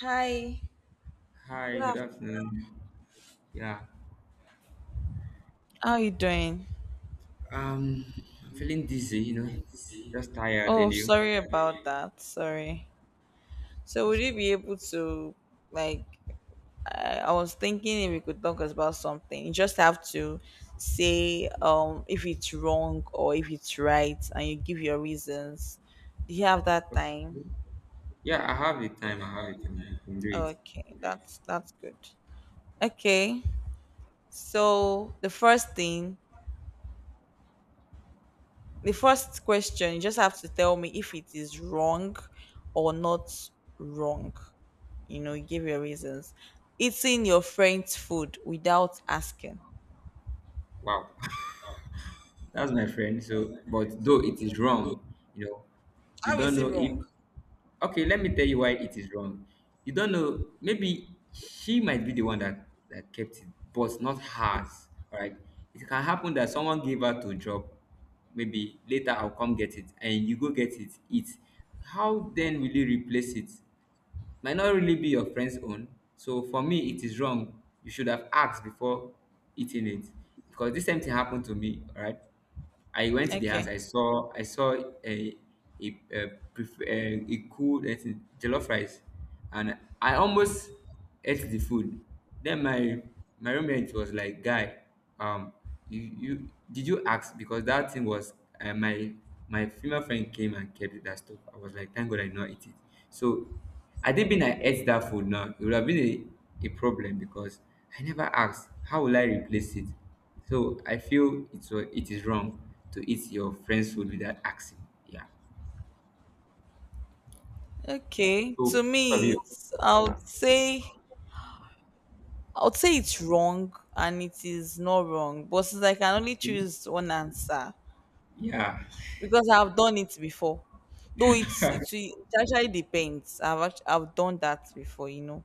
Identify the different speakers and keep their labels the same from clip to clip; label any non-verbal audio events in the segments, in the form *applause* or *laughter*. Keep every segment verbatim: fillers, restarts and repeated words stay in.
Speaker 1: Hi,
Speaker 2: Hi,
Speaker 1: good
Speaker 2: good
Speaker 1: afternoon.
Speaker 2: afternoon. Yeah,
Speaker 1: How are you doing?
Speaker 2: um, I'm feeling dizzy, you know, just tired.
Speaker 1: Oh,
Speaker 2: And you?
Speaker 1: sorry about that. Sorry. So would
Speaker 2: That's
Speaker 1: you
Speaker 2: cool.
Speaker 1: be able to, like, I, I was thinking if we could talk about something. You just have to say um if it's wrong or if it's right, and you give your reasons. Do you have that
Speaker 2: Okay.
Speaker 1: time?
Speaker 2: Yeah, I have the time. I have the time. We can do it.
Speaker 1: Okay, that's that's good. Okay. So the first thing, the first question, you just have to tell me if it is wrong or not wrong. You know, you give your reasons. Eating your friend's food without asking.
Speaker 2: Wow. *laughs* That's my friend. So, but though it is wrong, you know, you
Speaker 1: How is
Speaker 2: don't
Speaker 1: it
Speaker 2: know if.
Speaker 1: wrong?
Speaker 2: Okay, let me tell you why it is wrong. You don't know. Maybe she might be the one that that kept it, but not hers. All right. It can happen that someone gave her to drop. Maybe later I'll come get it, and you go get it. It. How then will you replace it? Might not really be your friend's own. So for me, it is wrong. You should have asked before eating it because this same thing happened to me. All right, I went to the house.
Speaker 1: Okay.
Speaker 2: I saw I saw a a a, pref- a, a cool uh, jollof rice, and I almost ate the food. Then my my roommate was like, "Guy, um, you, you did you ask? Because that thing was uh, my my female friend came and kept that stuff." I was like, thank God I did not eat it. So I did been I ate that food now. It would have been a, a problem because I never asked. How will I replace it? So I feel it's wa- it is wrong to eat your friend's food without asking. Yeah.
Speaker 1: Okay.
Speaker 2: So
Speaker 1: To
Speaker 2: what of
Speaker 1: me,
Speaker 2: you?
Speaker 1: it's, I would say, I would say it's wrong and it is not wrong. But since I can only choose one answer,
Speaker 2: Yeah.
Speaker 1: because I've done it before. Though it's it's it actually depends. I've act- I've done that before, you know,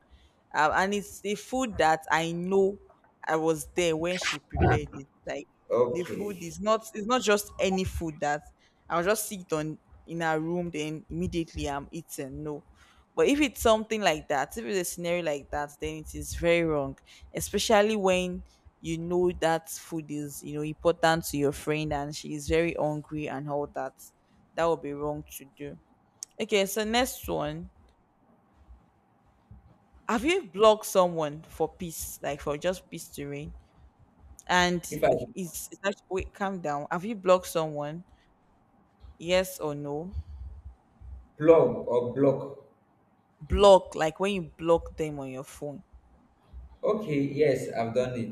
Speaker 1: uh, and it's the food that I know. I was there when she prepared it. Like, the food
Speaker 2: Okay.
Speaker 1: is not, it's not just any food that I'll just sit on in her room then immediately I'm eating. No, but if it's something like that, if it's a scenario like that, then it is very wrong, especially when you know that food is, you know, important to your friend and she is very hungry and all that. That would be wrong to do. Okay, so next one. Have you blocked someone for peace, like for just peace to reign? And
Speaker 2: If I
Speaker 1: okay, it's, it's actually, wait, calm down. Have you blocked someone? Yes or no?
Speaker 2: plug or block.
Speaker 1: Block, like when you block them on your phone.
Speaker 2: Okay, yes, I've done it.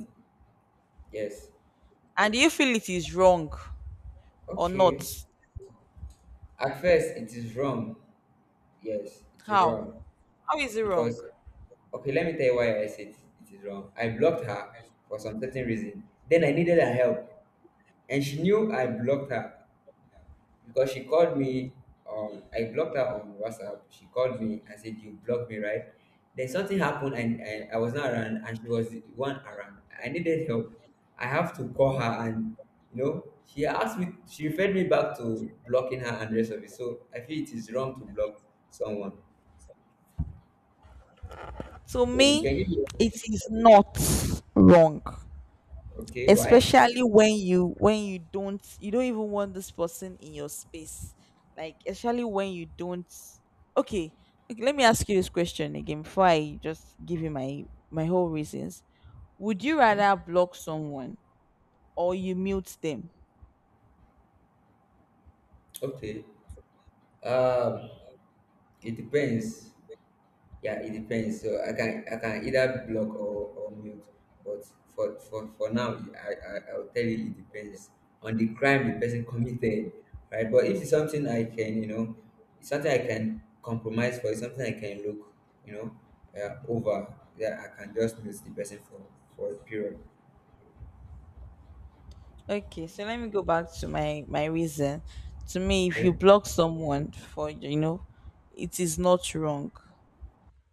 Speaker 2: Yes.
Speaker 1: And do you feel it is wrong or not?
Speaker 2: Okay. At first, it is wrong. Yes, it is
Speaker 1: How?
Speaker 2: wrong.
Speaker 1: How is it wrong?
Speaker 2: Because, okay, let me tell you why I said it is wrong. I blocked her for some certain reason. Then I needed her help. And she knew I blocked her, because she called me on I blocked her on WhatsApp. She called me. I said, "You blocked me, right?" Then something happened, and I, I was not around, and she was the one around. I needed help. I have to call her, and you know, she asked me. She referred me back to blocking her and the rest of it. So I feel it is wrong to block someone.
Speaker 1: To
Speaker 2: So you
Speaker 1: me,
Speaker 2: can give me.
Speaker 1: it is not wrong.
Speaker 2: Okay, why?
Speaker 1: Especially when you, when you don't, you don't even want this person in your space. Like, especially when you don't, okay. Okay, let me ask you this question again before I just give you my my whole reasons. Would you
Speaker 2: Okay,
Speaker 1: rather block someone or you mute them?
Speaker 2: okay. Um, it depends. Yeah, it depends. So I can I can either block or, or mute. But for, for for now, I, I, I'll tell you it depends on the crime the person committed, right? But if it's something I can you know, it's something I can compromise for, it's something I can look you know uh, over. Yeah, I can just mute the person for for a period.
Speaker 1: Okay, so let me go back to my my reason. To me, if you
Speaker 2: Okay.
Speaker 1: block someone, for you know, it is not wrong.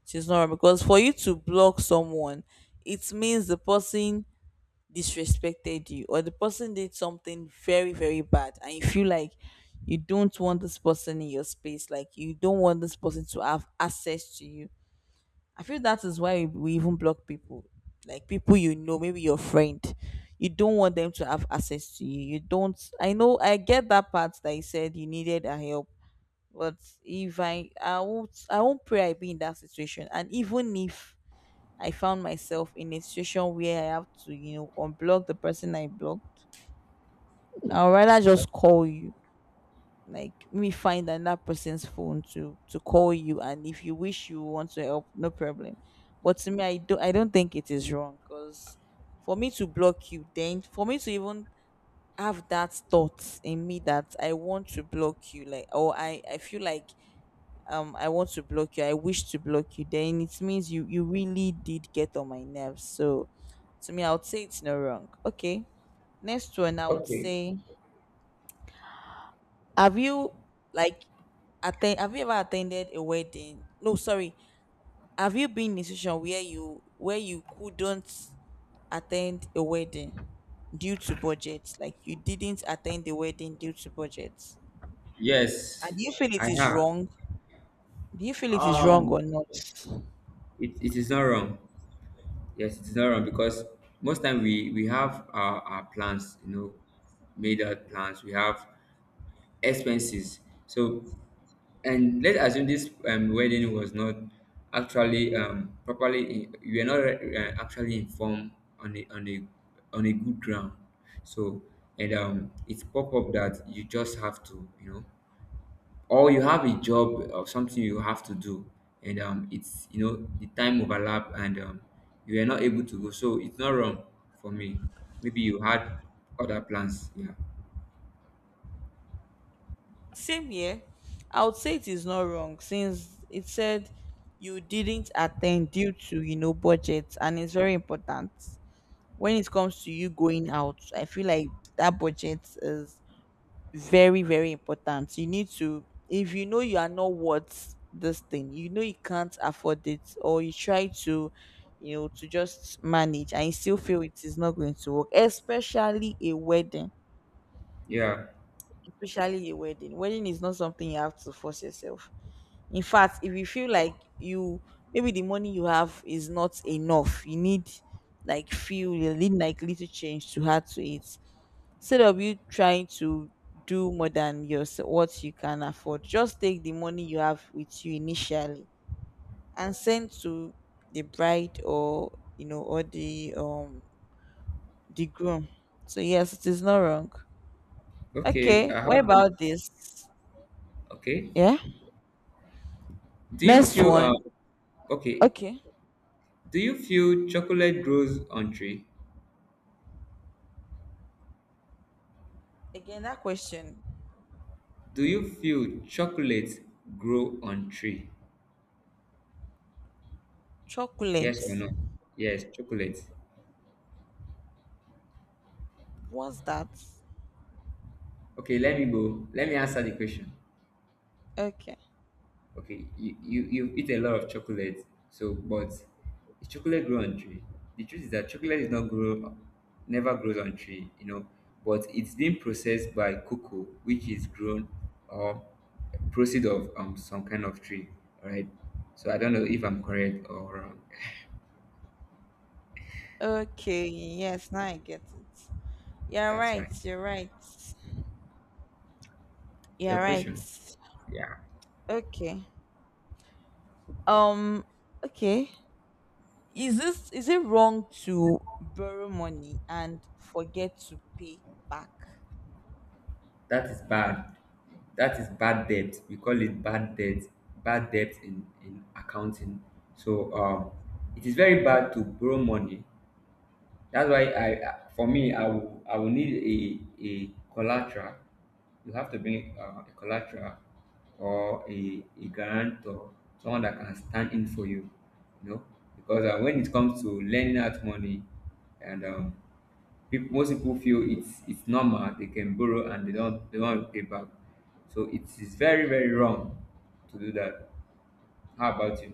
Speaker 1: It is not wrong because for you to block someone, it means the person disrespected you or the person did something very very bad, and you feel like you don't want this person in your space, like you don't want this person to have access to you. I feel that is why we even block people. Like people you know, maybe your friend. You don't want them to have access to you. You don't, I know I get that part that you said you needed a help. But if I I won't, I won't pray I be in that situation. And even if I found myself in a situation where I have to, you know, unblock the person I blocked, I'd rather just call you, like me find another person's phone to to call you, and if you wish, you want to help, no problem. But to me, i don't i don't think it is wrong. Because for me to block you, then for me to even have that thought in me that I want to block you, like, or i i feel like, um I want to block you, I wish to block you, then it means you, you really did get on my nerves. So to me, I would say it's no wrong. Okay, next one, I would
Speaker 2: Okay.
Speaker 1: say, have you, like, attend have you ever attended a wedding? No, sorry. Have you been in a situation where you, where you couldn't attend a wedding due to budget? Like you didn't attend the wedding due to budget. And
Speaker 2: Yes,
Speaker 1: do you feel it
Speaker 2: I
Speaker 1: is
Speaker 2: have.
Speaker 1: wrong? Do you feel it is wrong
Speaker 2: Um,
Speaker 1: or not?
Speaker 2: it, it is not wrong. Yes, it's not wrong because most time we we have our, our plans, you know, made out plans. We have expenses. So and let's assume this um, wedding was not actually um properly. In, we are not uh, actually informed on a on a on a good ground. So and um, it's pop up that you just have to you know or you have a job or something you have to do, and um it's you know the time overlap, and um you are not able to go, so it's not wrong for me. Maybe you had other plans. Yeah.
Speaker 1: Same here. I would say it is not wrong, since it said you didn't attend due to, you know, budget, and it's very important. When it comes to you going out, I feel like that budget is very, very important. You need to, if you know you are not worth this thing, you know you can't afford it, or you try to, you know, to just manage and you still feel it is not going to work, especially a wedding.
Speaker 2: Yeah,
Speaker 1: Especially a wedding. Wedding is not something you have to force yourself. In fact, if you feel like you, maybe the money you have is not enough, you need, like, feel you need like little change to add to it, instead of you trying to do more than your what you can afford, just take the money you have with you initially and send to the bride, or you know, or the um the groom. So yes, it is not wrong.
Speaker 2: okay,
Speaker 1: Okay,
Speaker 2: I
Speaker 1: what
Speaker 2: have
Speaker 1: about
Speaker 2: this.
Speaker 1: this?
Speaker 2: Okay,
Speaker 1: Yeah,
Speaker 2: do you
Speaker 1: next
Speaker 2: feel um
Speaker 1: one.
Speaker 2: okay,
Speaker 1: Okay,
Speaker 2: do you feel chocolate grows on tree?
Speaker 1: again, that question.
Speaker 2: Do you feel chocolate grow on tree, yes or
Speaker 1: Chocolate.
Speaker 2: no? Yes, chocolate.
Speaker 1: What's that?
Speaker 2: Okay, let me go let me answer the question.
Speaker 1: Okay.
Speaker 2: Okay, you, you you eat a lot of chocolate, so but is chocolate grow on tree? The truth is that chocolate is not grow, never grows on tree, you know, but it's being processed by cocoa, which is grown or proceed of um some kind of tree, all right? So I don't know if I'm correct or wrong.
Speaker 1: Okay, yes, now I get it. You're
Speaker 2: That's
Speaker 1: right,
Speaker 2: fine.
Speaker 1: you're right, you're
Speaker 2: Your
Speaker 1: right.
Speaker 2: question, yeah.
Speaker 1: Okay. Um. Okay. Is this is it wrong to borrow money and forget to pay back?
Speaker 2: That is bad. That is bad debt. We call it bad debt. Bad debt in in accounting. So um, it is very bad to borrow money. That's why I, I- for me, I will I will need a a collateral. You have to bring uh, a collateral or a a guarantor, someone that can stand in for you. You know, because uh, when it comes to lending out money, and um, people most people feel it's it's normal they can borrow and they don't they don't repay back, so it is very very wrong to do that. How about you?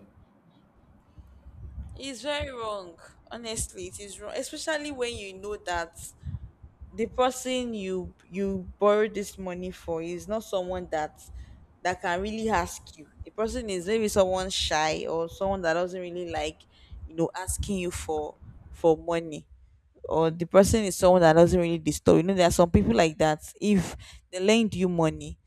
Speaker 1: It's very wrong. Honestly, it is wrong, especially when you know that the person you, you borrowed this money for is not someone that, that can really ask you. The person is maybe someone shy, or someone that doesn't really like, you know, asking you for for money. Or the person is someone that doesn't really disturb. You know, there are some people like that. If they lend you money,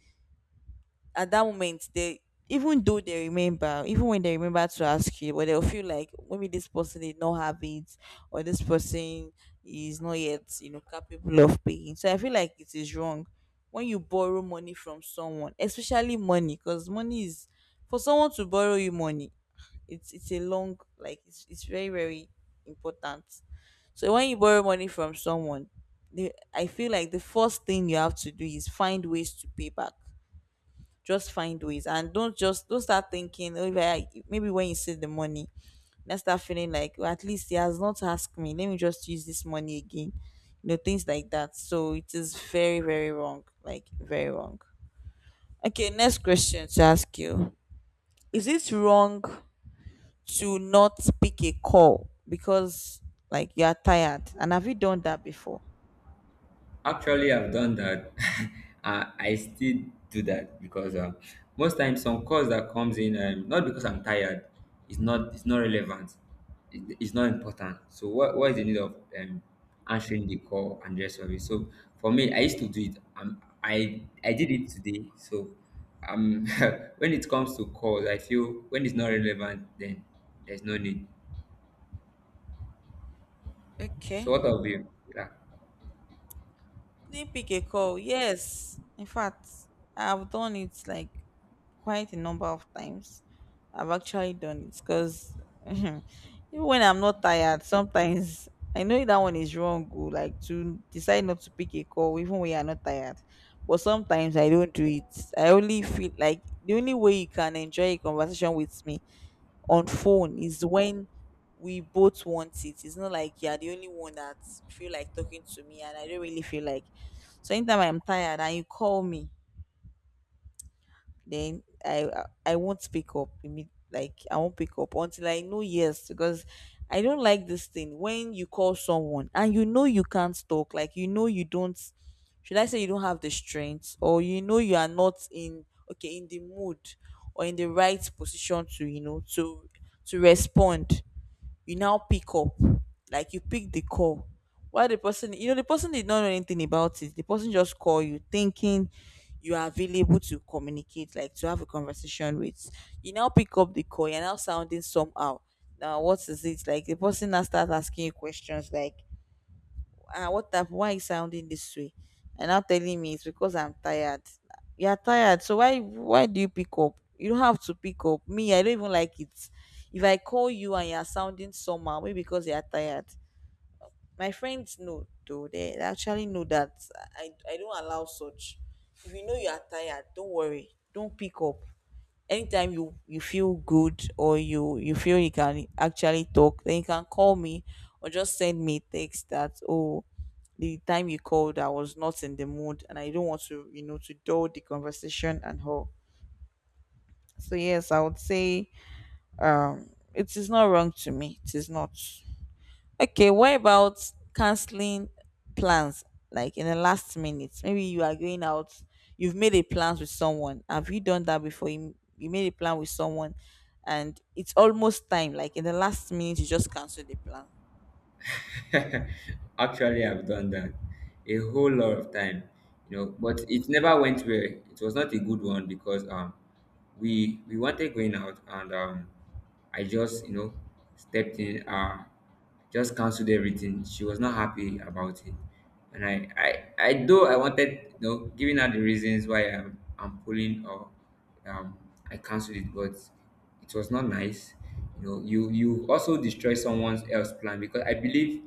Speaker 1: at that moment they, even though they remember, even when they remember to ask you, but they'll feel like maybe this person did not have it, or this person is not yet, you know, capable of paying. So I feel like it is wrong when you borrow money from someone, especially money, because money is, for someone to borrow you money, it's it's a long, like it's it's very, very important. So when you borrow money from someone, the, I feel like the first thing you have to do is find ways to pay back. Just find ways, and don't just don't start thinking. Oh, if I- maybe when you see the money, then start feeling like, "Oh, at least he has not asked me. Let me just use this money again." You know, things like that. So it is very very wrong. Like very wrong. Okay, next question to ask you: is it wrong to not pick a call because, like, you are tired? And have you done that before?
Speaker 2: Actually, I've done that. *laughs* I I still do that because um, most times some calls that comes in, um, not because I'm tired, it's not it's not relevant, it, it's not important. So what what is the need of um, answering the call and the rest of it? So for me, I used to do it. Um, I I did it today. So um, *laughs* when it comes to calls, I feel when it's not relevant, then there's no need.
Speaker 1: Okay.
Speaker 2: So what of you? Yeah.
Speaker 1: Didn't pick a call. Yes. In fact, I've done it like quite a number of times. I've actually done it because *laughs* even when I'm not tired, sometimes *laughs* I know that one is wrong. oh, Like, to decide not to pick a call even when you're not tired. But sometimes I don't do it. I only feel like the only way you can enjoy a conversation with me on phone is when we both want it. It's not like you're the only one that feel like talking to me and I don't really feel like. So anytime I'm tired and you call me, then I I won't pick up. imme- Like, I won't pick up until I know yes, because I don't like this thing when you call someone and you know you can't talk. Like you know you don't. Should I say you don't have the strength, or you know you are not in, okay, in the mood, or in the right position to, you know, to to respond, you now pick up, like you pick the call, while the person, you know, the person did not know anything about it. The person just call you thinking you are available to communicate, like to have a conversation with. You now pick up the call, you're now sounding somehow. Now what is it? Like, the person now starts asking you questions like, ah, what hap- why you sounding this way? And now telling me it's because I'm tired. You're tired, so why why do you pick up? You don't have to pick up. Me, I don't even like it. If I call you and you're sounding somehow, maybe because you're tired. My friends know though, they they actually know that I, I don't allow such. If you know you are tired, don't worry. Don't pick up. Anytime you you feel good, or you you feel you can actually talk, then you can call me, or just send me text that, oh, the time you called I was not in the mood, and I don't want to, you know, to dull the conversation and all. So yes, I would say, um it is not wrong. To me, it is not. Okay, what about canceling plans, like in the last minute? Maybe you are going out, you've made a plan with someone. Have you done that before? You, you made a plan with someone, and it's almost time, like in the last minute, you just cancel the plan.
Speaker 2: *laughs* Actually, I've done that a whole lot of time, you know, but it never went well. It was not a good one because um we we wanted going out and um I just you know stepped in uh just cancelled everything. She was not happy about it. And I I, I though I wanted you know giving her the reasons why I'm I'm pulling or um I cancelled it, but it was not nice. You know you you also destroy someone else's plan because I believe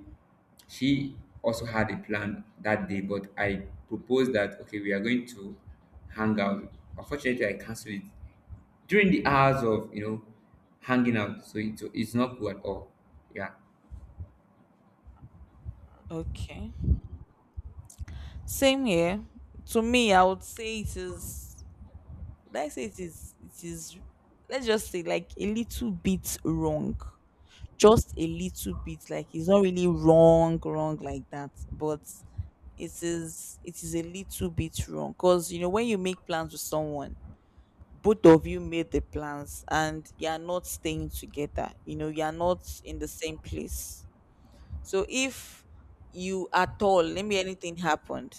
Speaker 2: she also had a plan that day, but I proposed that okay, we are going to hang out. Unfortunately, I canceled it during the hours of you know hanging out, so it's, it's not cool at all. Yeah.
Speaker 1: Okay. Same here. To me, I would say it is, let's say it is, it is, let's just say like a little bit wrong. Just a little bit, like, it's not really wrong wrong like that, but it is it is a little bit wrong because you know when you make plans with someone, both of you made the plans and you are not staying together, you know, you are not in the same place. So if you at all, let me, anything happened,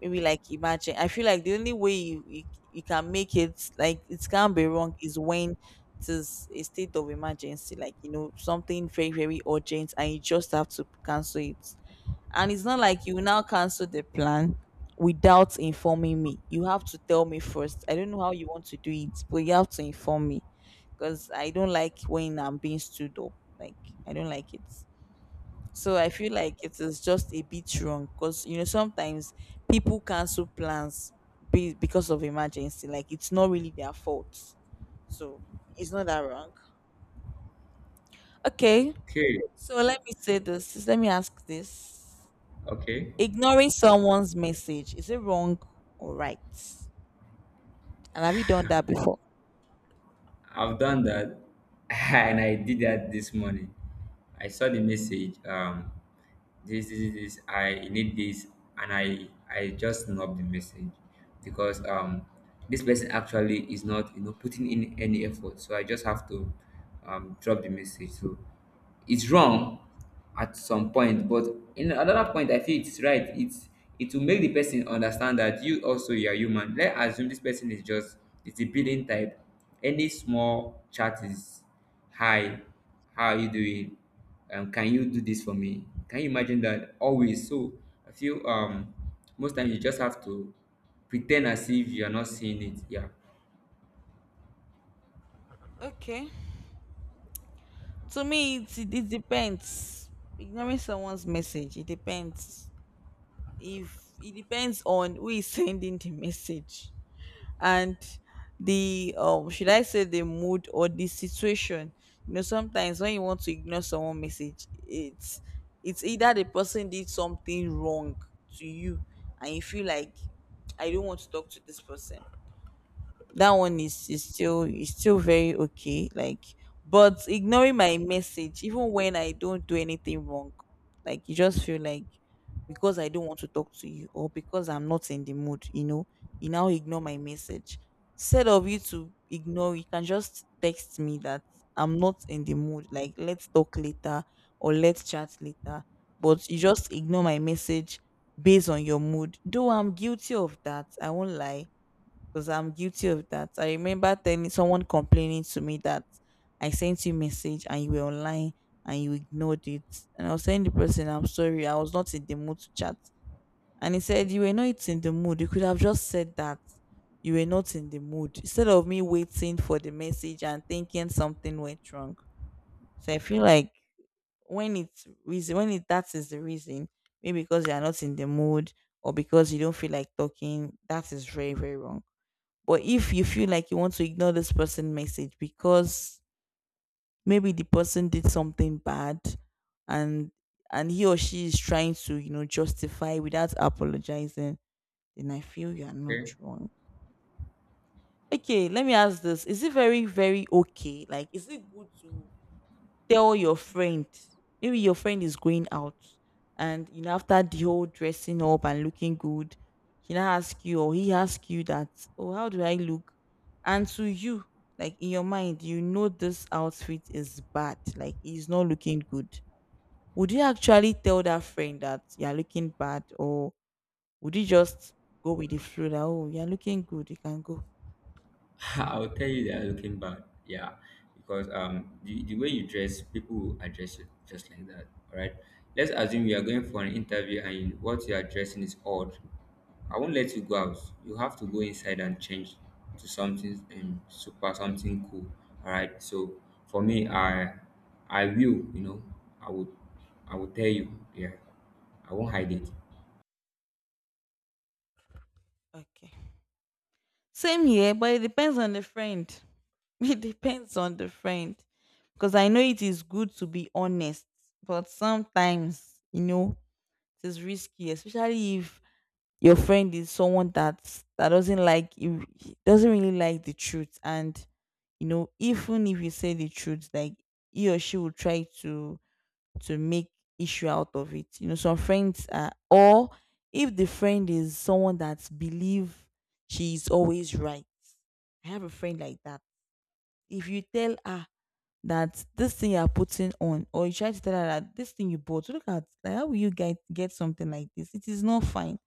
Speaker 1: maybe, like, imagine, I feel like the only way you, you you can make it, like it can't be wrong, is when it is a state of emergency, like, you know, something very very urgent and you just have to cancel it. And it's not like you now cancel the plan without informing me. You have to tell me first. I don't know how you want to do it, but you have to inform me, because I don't like when I'm being stood up. Like, I don't like it. So I feel like it is just a bit wrong because you know sometimes people cancel plans be, because of emergency. Like it's not really their fault. So it's not that wrong. Okay.
Speaker 2: Okay.
Speaker 1: So let me say this. Let me ask this.
Speaker 2: Okay.
Speaker 1: Ignoring someone's message, is it wrong or right? And have you done that before?
Speaker 2: I've done that, *laughs* and I did that this morning. I saw the message. Um, this, this, this. I need this, and I, I just snubbed the message because um, this person actually is not, you know, putting in any effort. So I just have to um drop the message. So it's wrong at some point, but in another point I feel it's right. it's it will make the person understand that you also you are human. Let's assume this person is just it's a billing type. Any small chat is hi, how are you doing, um can you do this for me, can you imagine? That always. So I feel um most times you just have to pretend as if you are not seeing it. Yeah.
Speaker 1: Okay. To me, it, it it depends. Ignoring someone's message, it depends. If it depends on who is *laughs* sending the message. And the um should I say the mood or the situation? You know, sometimes when you want to ignore someone message, it's it's either the person did something wrong to you and you feel like I don't want to talk to this person. That one is is still is still very okay, like. But ignoring my message even when I don't do anything wrong, like you just feel like because I don't want to talk to you or because I'm not in the mood, you know, you now ignore my message. Instead of you to ignore, you can just text me that I'm not in the mood, like let's talk later or let's chat later. But you just ignore my message based on your mood, though I'm guilty of that, I won't lie. Because I'm guilty of that. I remember telling someone complaining to me that I sent you message and you were online and you ignored it. And I was telling the person, I'm sorry, I was not in the mood to chat. And he said, you were not in the mood. You could have just said that you were not in the mood, instead of me waiting for the message and thinking something went wrong. So I feel like when it's reason, when it that is the reason, maybe because you are not in the mood or because you don't feel like talking, that is very, very wrong. But if you feel like you want to ignore this person message because maybe the person did something bad and and he or she is trying to, you know, justify without apologizing, then I feel you are not
Speaker 2: Okay.
Speaker 1: wrong. Okay, let me ask this. Is it very, very okay? Like, is it good to tell your friend, maybe your friend is going out, and you know after the whole dressing up and looking good, he now ask you or he ask you that, oh, how do I look? And to you, like in your mind, you know this outfit is bad, like it's not looking good. Would you actually tell that friend that you're looking bad, or would you just go with the flow that, oh, you're looking good, you can go?
Speaker 2: *laughs* I'll tell you they are looking bad. Yeah, because um, the, the way you dress, people will address you just like that. All right. Let's assume you are going for an interview and you, what you are dressing is odd. I won't let you go out. You have to go inside and change to something um, super, something cool. All right. So for me, I, I will. You know, I would, I will tell you. Yeah. I won't hide it.
Speaker 1: Okay, same here, but it depends on the friend. *laughs* It depends on the friend, because I know it is good to be honest, but sometimes, you know, it is risky, especially if your friend is someone that that doesn't like you, doesn't really like the truth. And you know, even if you say the truth, like he or she will try to to make issue out of it. You know, some friends are, or if the friend is someone that believe she is always right. I have a friend like that. If you tell her that this thing you're putting on, or you try to tell her that this thing you bought, look at, like, how will you get get something like this? It is not fine.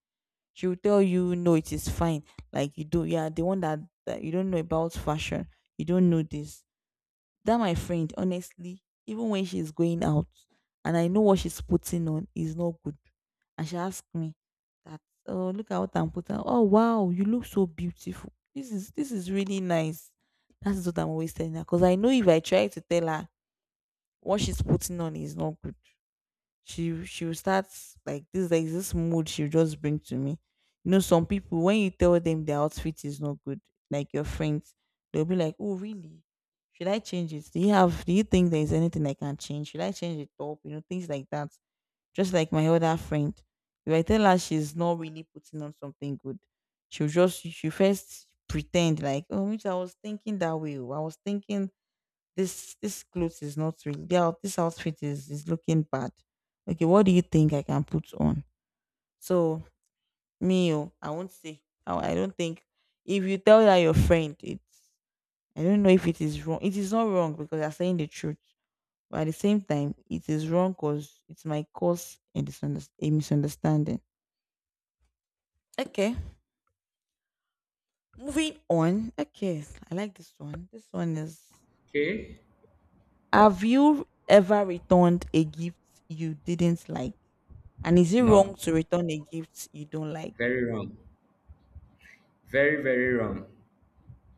Speaker 1: She will tell you, no, it is fine. Like, you do, yeah, the one that, that you don't know about fashion, you don't know this. That my friend, honestly, even when she's going out and I know what she's putting on is not good, and she asks me that, oh, look at what I'm putting on. Oh wow, you look so beautiful. This is this is really nice. That is what I'm always telling her, because I know if I try to tell her what she's putting on is not good, She she will start, like, this like this mood she'll just bring to me. You know, some people when you tell them their outfit is not good, like your friends, they'll be like, oh really? Should I change it? Do you have, do you think there is anything I can change? Should I change the top? You know, things like that. Just like my other friend. If I tell her she's not really putting on something good, she'll just, she first pretend like, oh, which I was thinking that way. Oh, I was thinking this this clothes is not really the out- this outfit is is looking bad. Okay, what do you think I can put on? So me, oh, I won't say. I, I don't think if you tell that your friend, it's I don't know if it is wrong. It is not wrong because you're saying the truth, but at the same time, it is wrong because it might cause a, disunder- a misunderstanding. Okay, moving on. Okay, I like this one. This one is,
Speaker 2: Okay.
Speaker 1: have you ever returned a gift you didn't like? And is it wrong
Speaker 2: No.
Speaker 1: to return a gift you don't like?
Speaker 2: Very wrong. Very very wrong.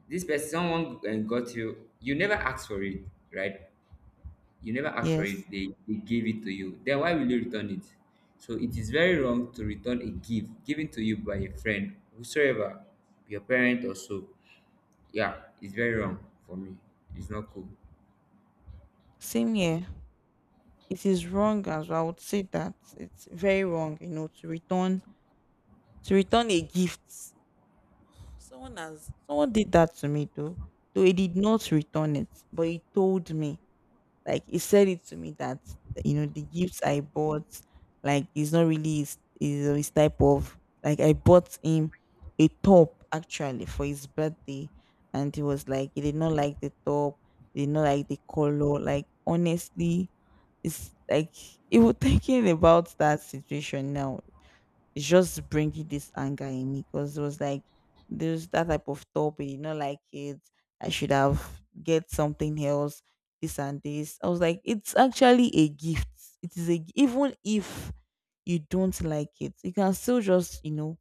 Speaker 2: This person someone uh, got you, you never asked for it, right? You never asked for
Speaker 1: Yes.
Speaker 2: it, they, they gave it to you, then why will you return it? So it is very wrong to return a gift given to you by a friend whosoever, your parent or so. Yeah, it's very wrong. For me, it's not cool.
Speaker 1: Same here. It is wrong as well. I would say that it's very wrong, you know, to return to return a gift. Someone has, someone did that to me though. Though he did not return it, but he told me. Like he said it to me that, you know, the gifts I bought, like it's not really his, his, his type of, like I bought him a top actually for his birthday, and he was like he did not like the top, he did not like the color. Like honestly, it's like, even *laughs* thinking about that situation now, it's just bringing this anger in me, because it was like there's that type of topic, you know, like it, I should have get something else, this and this. I was like, it's actually a gift. It is a g- even if you don't like it, you can still just, you know,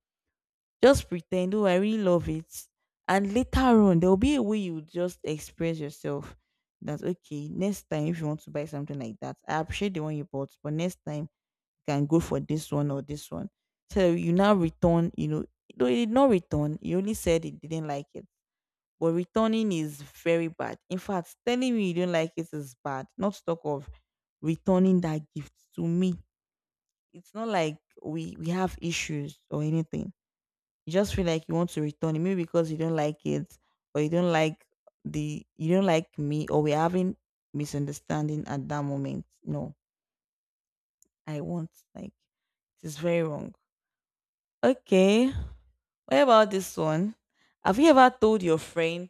Speaker 1: just pretend, oh, I really love it, and later on there will be a way you would just express yourself. That okay, next time if you want to buy something like that, I appreciate the one you bought, but next time can go for this one or this one. So you now return, you know, though he did not return, he only said he didn't like it. But returning is very bad. In fact, telling me you don't like it is bad. Not to talk of returning that gift to me. It's not like we we have issues or anything. You just feel like you want to return it, maybe because you don't like it, or you don't like the, you don't like me, or we're having misunderstanding at that moment. No, I want, like, it is very wrong. Okay, what about this one? Have you ever told your friend,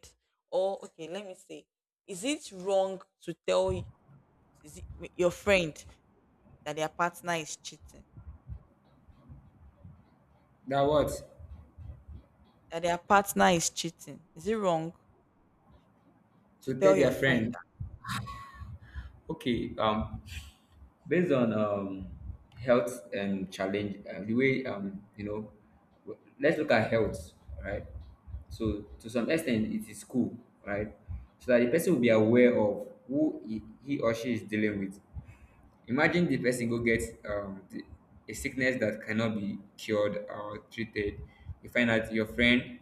Speaker 1: or okay, let me say, is it wrong to tell y- is it, m- your friend that their partner is cheating?
Speaker 2: That what?
Speaker 1: That their partner is cheating? Is it wrong to
Speaker 2: To tell
Speaker 1: tell your
Speaker 2: their
Speaker 1: friend
Speaker 2: friend. Okay, um based on um, health and challenge, uh, the way um, you know, w- let's look at health, right? So to some extent, it is cool, right? So that the person will be aware of who he, he or she is dealing with. Imagine the person go get um, the, a sickness that cannot be cured or treated. You find out your friend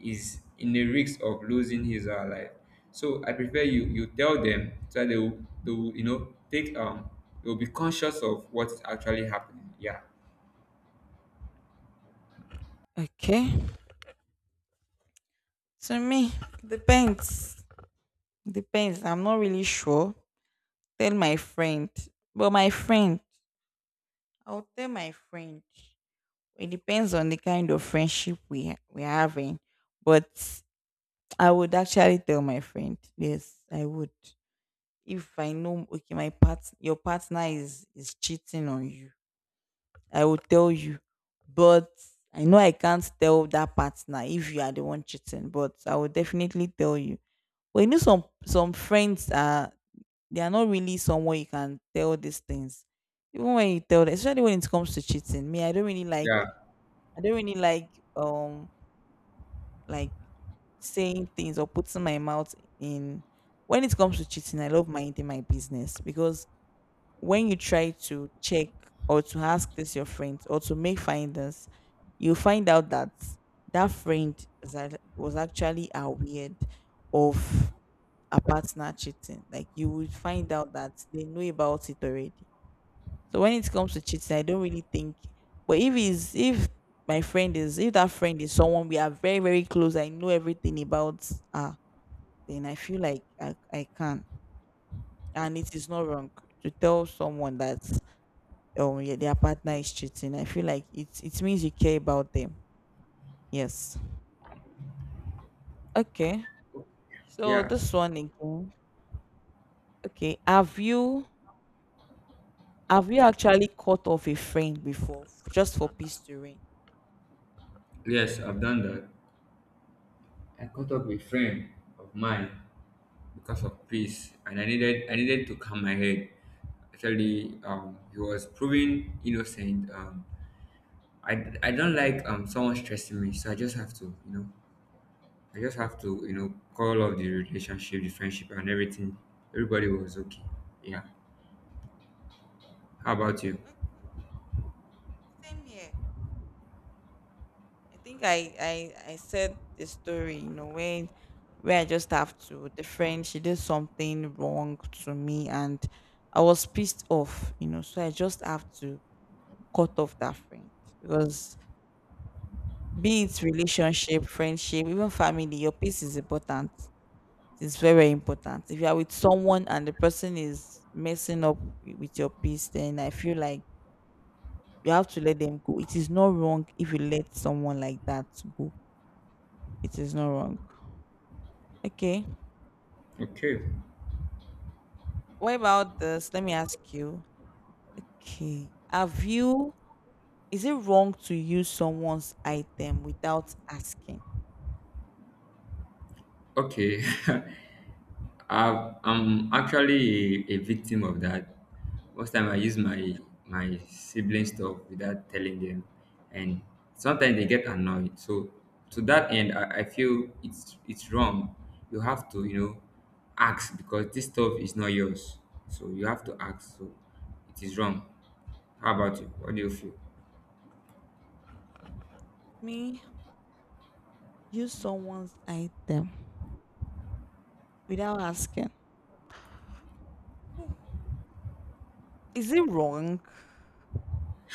Speaker 2: is in the risk of losing his or her life, so I prefer you you tell them so that they will, they will you know take um they will be conscious of what's actually happening. Yeah.
Speaker 1: that? Okay. To me, depends. Depends. I'm not really sure. Tell my friend, but my friend, I'll tell my friend. It depends on the kind of friendship we ha- we're having, but I would actually tell my friend. Yes, I would. If I know, okay, my part your partner is is cheating on you, I will tell you. But I know I can't tell that partner if you are the one cheating, but I will definitely tell you. But you know some some friends are they are not really someone you can tell these things. Even when you tell them, especially when it comes to cheating. Me, I don't really like
Speaker 2: Yeah.
Speaker 1: I don't really like um like saying things or putting my mouth in when it comes to cheating. I love minding my business, because when you try to check or to ask this your friend or to make findings, you find out that that friend is act- was actually aware of a partner cheating. Like, you would find out that they know about it already. So when it comes to cheating, I don't really think. But if is if my friend is if that friend is someone we are very very close, I know everything about her, then I feel like I, I can. And it is not wrong to tell someone that, um yeah, their partner is cheating. I feel like it it means you care about them. Yes. Okay. So
Speaker 2: Yeah,
Speaker 1: this one again. Okay. Have you, have you actually cut off a friend before just for peace to reign?
Speaker 2: yes, I've done that. I caught up with friend of mine because of peace, and I needed I needed to calm my head. Actually, um, he was proving innocent. Um, I, I don't like um someone stressing me, so I just have to you know I just have to you know call off the relationship, the friendship, and everything. Everybody was okay. Yeah. How about you?
Speaker 1: Same here. I think I I I said the story, you know, when, where I just have to, the friend, she did something wrong to me, and I was pissed off, you know, so I just have to cut off that friend, because be it relationship, friendship, even family, your peace is important. It's very important. If you are with someone and the person is messing up wi- with your peace, then I feel like you have to let them go. It is not wrong if you let someone like that go. It is not wrong. Okay.
Speaker 2: Okay.
Speaker 1: What about this? Let me ask you. Okay. Have you, is it wrong to use someone's item without asking?
Speaker 2: Okay. *laughs* I've, I'm actually a, a victim of that. Most time I use my my sibling stuff without telling them, and sometimes they get annoyed. So to that end, I, I feel it's it's wrong. You have to you know ask because this stuff is not yours. So you have to ask. So it is wrong. How about you? What do you feel?
Speaker 1: Me, use someone's item without asking. Is it wrong?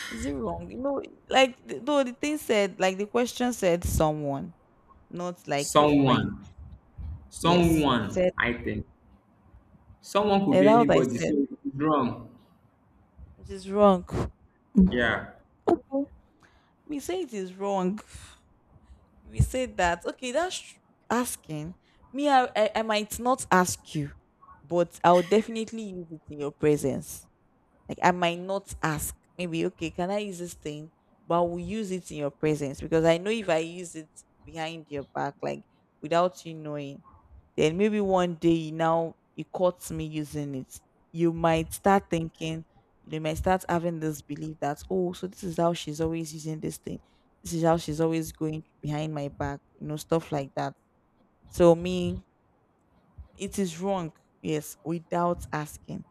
Speaker 1: Is it wrong? You know, like, th- though the thing said, like, the question said someone, not like a friend.
Speaker 2: Someone,
Speaker 1: Yes. It
Speaker 2: someone.
Speaker 1: said,
Speaker 2: I think someone could
Speaker 1: and
Speaker 2: be
Speaker 1: out I
Speaker 2: anybody.
Speaker 1: said,
Speaker 2: So it's wrong.
Speaker 1: it is wrong. *sighs* Mm.
Speaker 2: Yeah,
Speaker 1: Okay. We say it is wrong. We say that, okay, that's tr- asking. Me, I, I i might not ask you, but I'll definitely use it in your presence. Like, I might not ask, maybe, okay, can I use this thing, but I will use it in your presence, because I know if I use it behind your back, like without you knowing, then maybe one day now you caught me using it. You might start thinking, you might start having this belief that, oh, so this is how she's always using this thing. This is how she's always going behind my back, you know, stuff like that. So me, it is wrong, yes, without asking.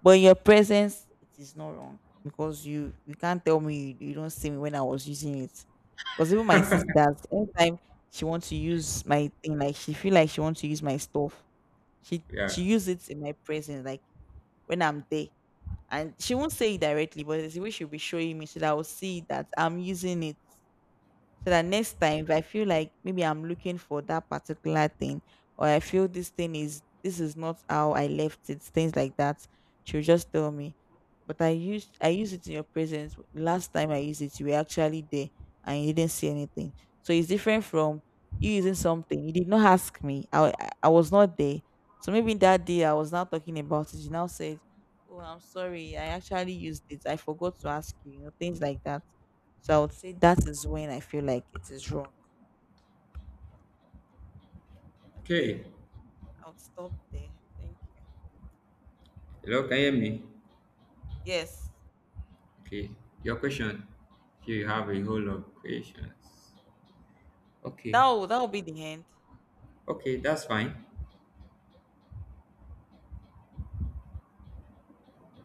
Speaker 1: But in your presence, it is not wrong, because you you can't tell me you, you don't see me when I was using it. Because even my sisters, anytime she wants to use my thing, like she feel like she wants to use my stuff, she
Speaker 2: yeah.
Speaker 1: she used it in my presence, like when I'm there. And she won't say it directly, but it's the way she'll be showing me so that I will see that I'm using it, so that next time if I feel like maybe I'm looking for that particular thing, or I feel this thing is, this is not how I left it, things like that, she'll just tell me, but I used, i use it in your presence, last time I used it you were actually there and you didn't see anything. So it's different from you using something you did not ask me, i i, I was not there, so maybe that day I was not talking about it, you now said, oh, I'm sorry, I actually used it, I forgot to ask you, you know, things like that. So I would say that is when I feel like it is wrong. Okay,
Speaker 2: Okay.
Speaker 1: I'll stop there. Thank you.
Speaker 2: Hello, can you hear me?
Speaker 1: Yes,
Speaker 2: Okay, your question. Here you have a whole lot of questions. Okay,
Speaker 1: that will that will be the end.
Speaker 2: okay, that's fine.